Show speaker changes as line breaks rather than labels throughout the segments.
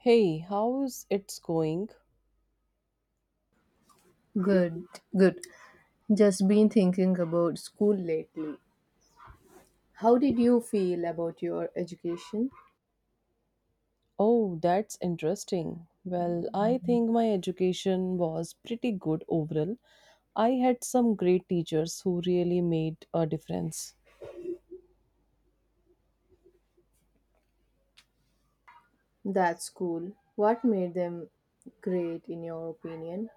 Hey, how's it's going?
Good, good. Just been thinking about school lately. How did you feel about your education?
Oh, that's interesting. Well, I think my education was pretty good overall. I had some great teachers who really made a difference.
That school, what made them great in your opinion?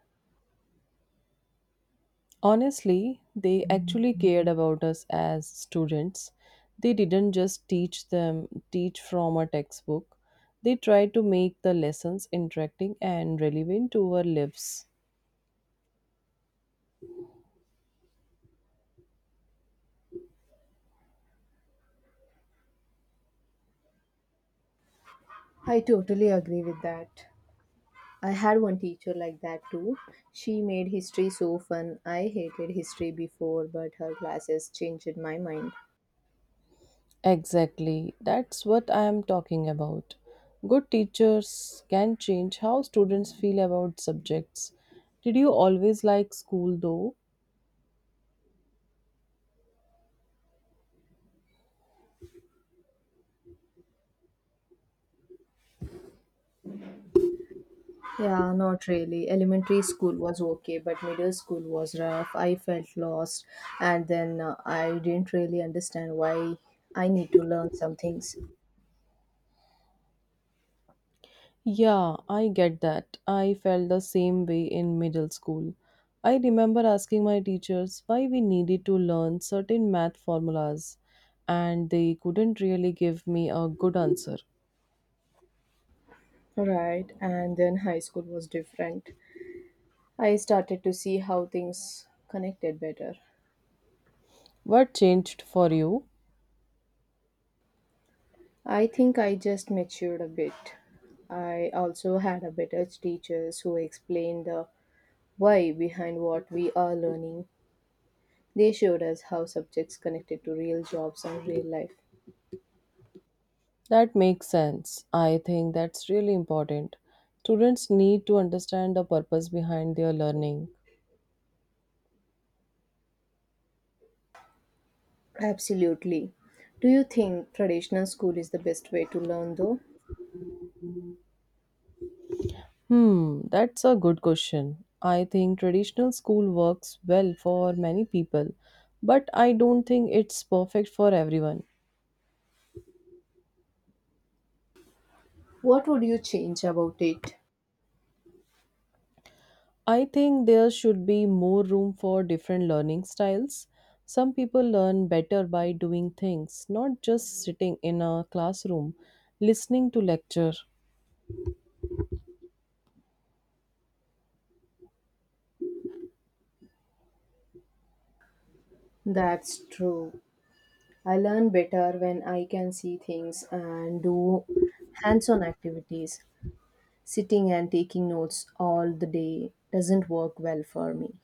Honestly, they actually cared about us as students. They didn't just teach from a textbook. They tried to make the lessons interacting and relevant to our lives.
I totally agree with that. I had one teacher like that too. She made history so fun. I hated history before, but her classes changed my mind.
Exactly, that's what I am talking about. Good teachers can change how students feel about subjects. Did you always like school though?
Yeah, not really. Elementary school was okay, but middle school was rough. I felt lost, and then I didn't really understand why I need to learn some things.
Yeah, I get that. I felt the same way in middle school. I remember asking my teachers why we needed to learn certain math formulas, and they couldn't really give me a good answer.
Right, and then high school was different. I started to see how things connected better.
What changed for you?
I think I just matured a bit. I also had a better teachers who explained the why behind what we are learning. They showed us how subjects connected to real jobs and real life.
That makes sense. I think that's really important. Students need to understand the purpose behind their learning.
Absolutely. Do you think traditional school is the best way to learn though?
That's a good question. I think traditional school works well for many people, but I don't think it's perfect for everyone.
What would you change about it?
I think there should be more room for different learning styles. Some people learn better by doing things, not just sitting in a classroom listening to lecture.
That's true. I learn better when I can see things and do hands on activities. Sitting and taking notes all the day doesn't work well for me.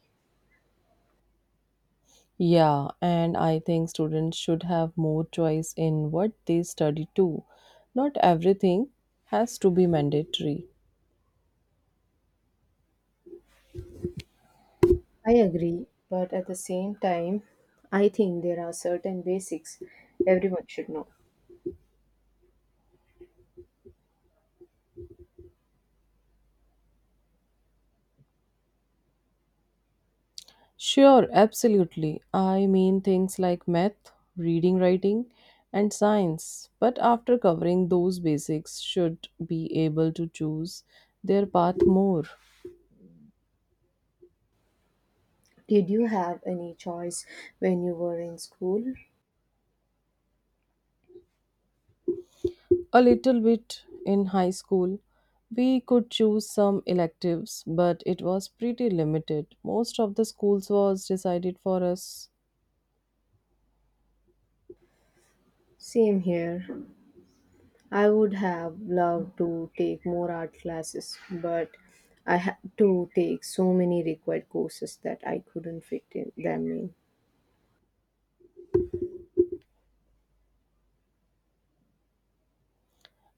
Yeah, and I think students should have more choice in what they study too. Not everything has to be mandatory.
I agree, but at the same time, I think there are certain basics everyone should know.
Sure, absolutely. I mean things like math, reading, writing, and science. But after covering those basics, should be able to choose their path more.
Did you have any choice when you were in school?
A little bit in high school, we could choose some electives, but it was pretty limited. Most of the schools was decided for us.
Same here. I would have loved to take more art classes, but I had to take so many required courses that I couldn't fit in them in.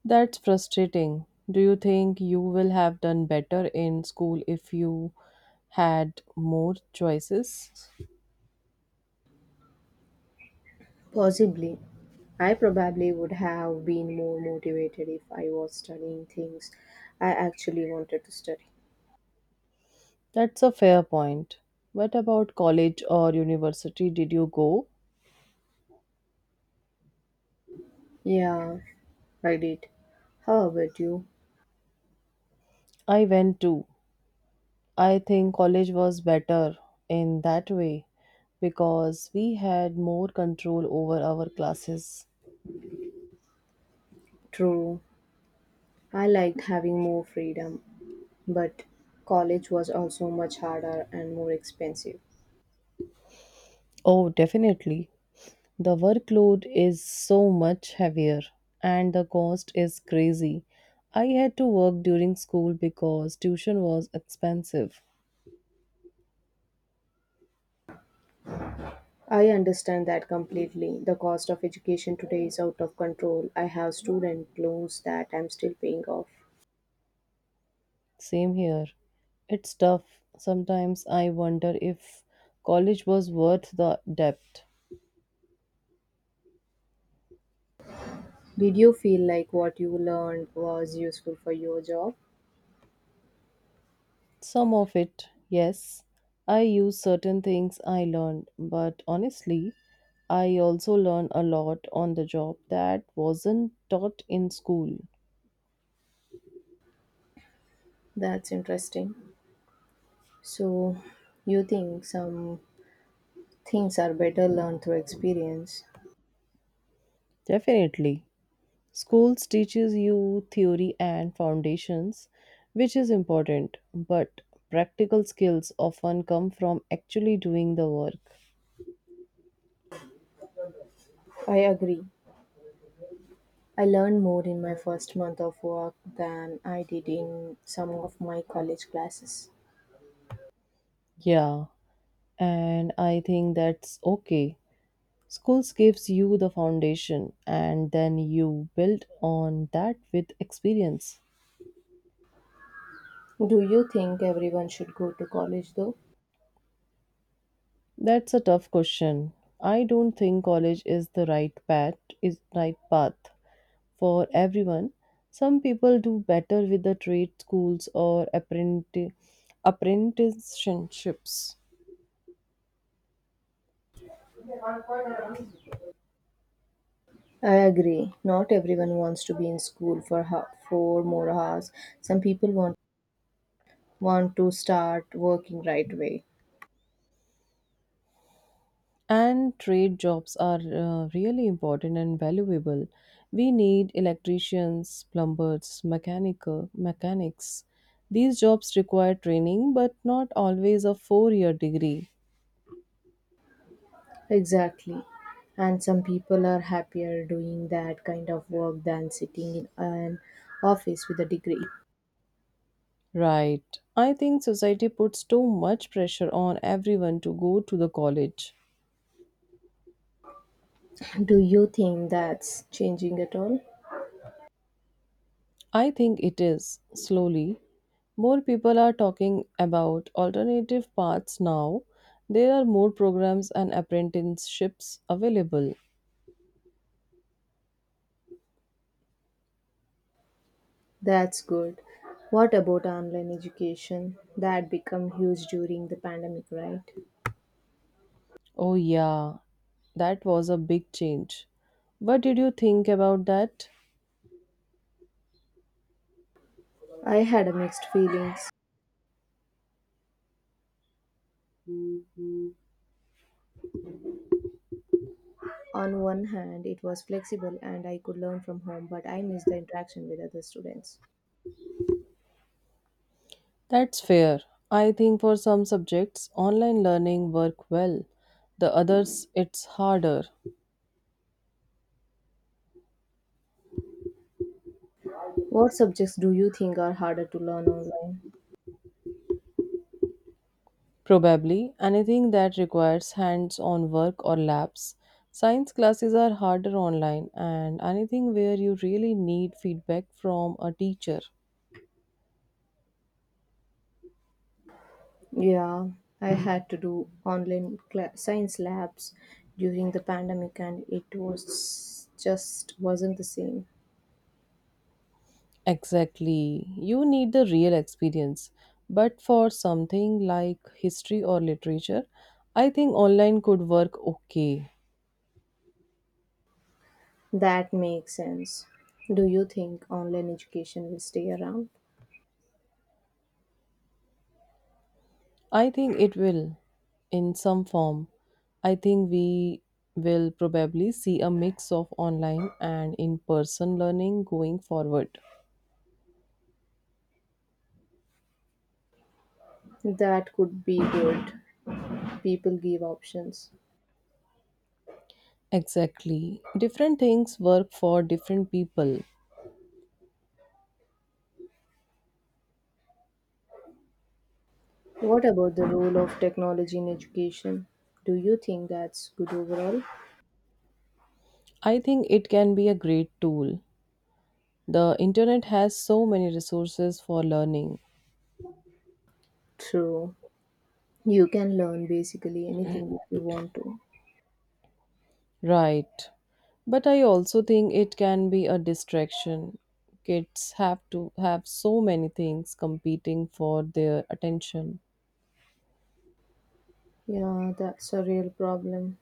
That's frustrating. Do you think you will have done better in school if you had more choices?
Possibly, I probably would have been more motivated if I was studying things I actually wanted to study.
That's a fair point. What about college or university? Did you go?
Yeah, I did. How about you?
I went too. I think college was better in that way because we had more control over our classes.
True, I liked having more freedom, but college was also much harder and more expensive.
Oh, definitely. The workload is so much heavier and the cost is crazy. I had to work during school because tuition was expensive.
I understand that completely. The cost of education today is out of control. I have student loans that I'm still paying off.
Same here. It's tough. Sometimes I wonder if college was worth the debt.
Did you feel like what you learned was useful for your job?
Some of it, yes. I use certain things I learned, but honestly, I also learn a lot on the job that wasn't taught in school.
That's interesting. So, you think some things are better learned through experience?
Definitely. Schools teaches you theory and foundations, which is important, but practical skills often come from actually doing the work.
I agree. I learned more in my first month of work than I did in some of my college classes.
Yeah, and I think that's okay. Schools gives you the foundation and then you build on that with experience.
Do you think everyone should go to college though?
That's a tough question. I don't think college is right path for everyone. Some people do better with the trade schools or apprenticeships.
I agree. Not everyone wants to be in school for four more hours. Some people want to start working right away.
And trade jobs are really important and valuable. We need electricians, plumbers, mechanical mechanics. These jobs require training, but not always a four-year degree.
Exactly. And some people are happier doing that kind of work than sitting in an office with a degree.
Right. I think society puts too much pressure on everyone to go to the college.
Do you think that's changing at all?
I think it is slowly. More people are talking about alternative paths now. There are more programs and apprenticeships available.
That's good. What about online education? That become huge during the pandemic, right?
Oh, yeah, that was a big change. What did you think about that?
I had a mixed feelings. On one hand, it was flexible and I could learn from home, but I missed the interaction with other students.
That's fair. I think for some subjects, online learning work well. The others, it's harder.
What subjects do you think are harder to learn online?
Probably anything that requires hands on work or labs. Science classes are harder online, and anything where you really need feedback from a teacher.
Yeah, I had to do online cla science labs during the pandemic and it was just wasn't the same.
Exactly. You need the real experience. But for something like history or literature, I think online could work okay.
That makes sense. Do you think online education will stay around?
I think it will in some form. I think we will probably see a mix of online and in person learning going forward.
That could be good. People give options.
Exactly. Different things work for different people.
What about the role of technology in education? Do you think that's good overall?
I think it can be a great tool. The internet has so many resources for learning.
True. You can learn basically anything if you want to.
Right. But I also think it can be a distraction. Kids have to have so many things competing for their attention.
Yeah, that's a real problem.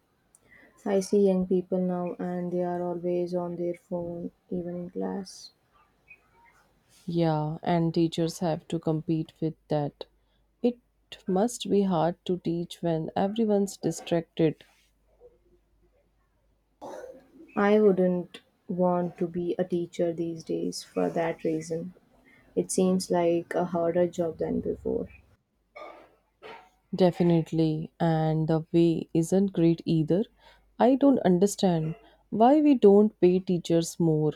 I see young people now and they are always on their phone, even in class.
Yeah, and teachers have to compete with that. It must be hard to teach when everyone's distracted.
I wouldn't want to be a teacher these days for that reason. It seems like a harder job than before.
Definitely, and the way isn't great either. I don't understand why we don't pay teachers more.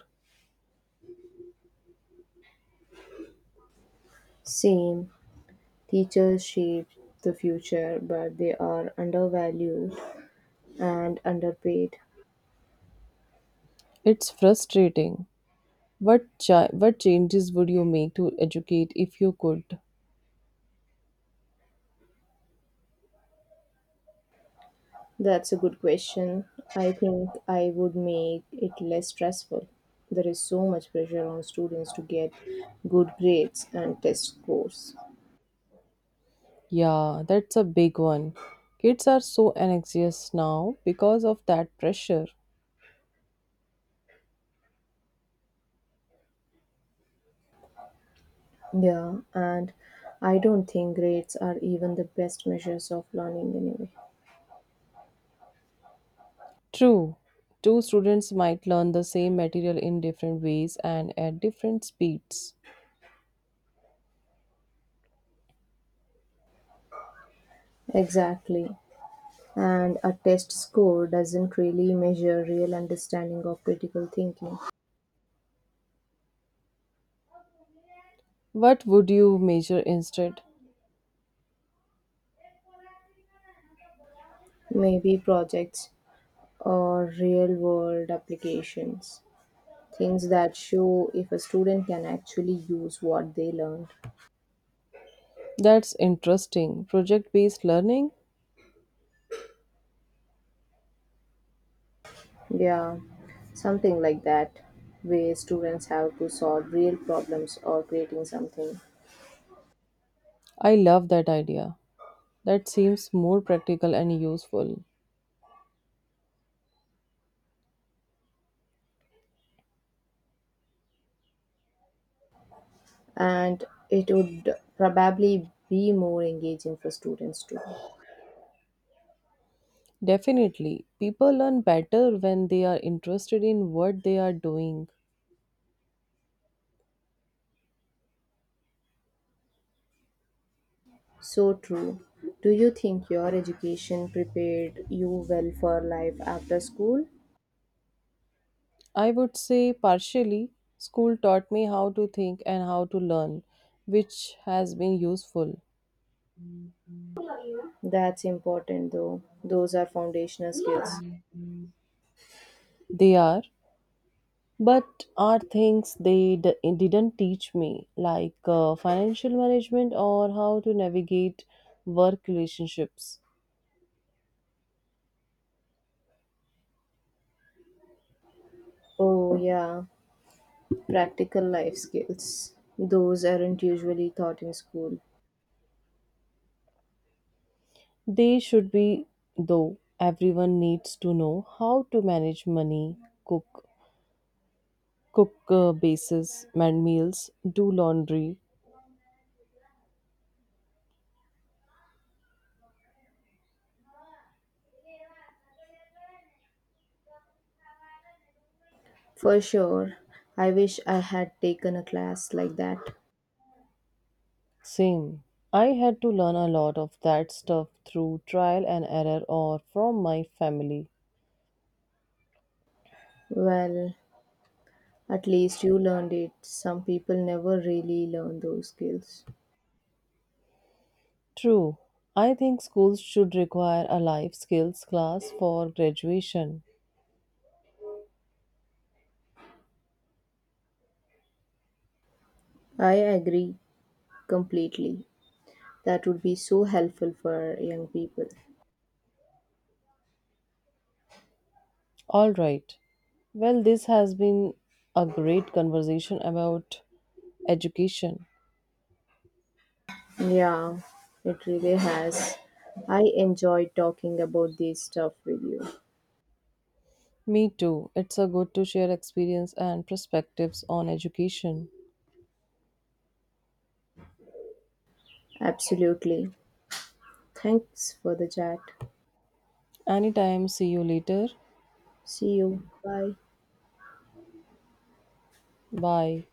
Same, teachers shape the future, but they are undervalued and underpaid?
It's frustrating. What changes would you make to educate if you could?
That's a good question. I think I would make it less stressful. There is so much pressure on students to get good grades and test scores.
Yeah, that's a big one. Kids are so anxious now because of that pressure.
Yeah, and I don't think grades are even the best measures of learning anyway.
True. Two students might learn the same material in different ways and at different speeds.
Exactly. And a test score doesn't really measure real understanding of critical thinking.
What would you measure instead?
Maybe projects or real world applications. Things that show if a student can actually use what they learned.
That's interesting. Project based learning?
Yeah, something like that, where students have to solve real problems or creating something.
I love that idea. That seems more practical and useful.
And it would probably be more engaging for students too.
Definitely, people learn better when they are interested in what they are doing.
So true. Do you think your education prepared you well for life after school?
I would say, partially, school taught me how to think and how to learn, which has been useful.
That's important though. Those are foundational skills.
They are, but are things they didn't teach me, like financial management or how to navigate work relationships.
Oh, yeah. Practical life skills. Those aren't usually taught in school.
They should be, though. Everyone needs to know how to manage money, cook, cook, bases, and meals, do laundry.
For sure, I wish I had taken a class like that.
Same. I had to learn a lot of that stuff through trial and error or from my family.
Well, at least you learned it. Some people never really learn those skills.
True. I think schools should require a life skills class for graduation.
I agree completely. That would be so helpful for young people.
All right. Well, this has been a great conversation about education.
Yeah, it really has. I enjoy talking about this stuff with you.
Me too. It's a good to share experience and perspectives on education.
Absolutely. Thanks for the chat.
Anytime, see you later.
See you. Bye.
Bye.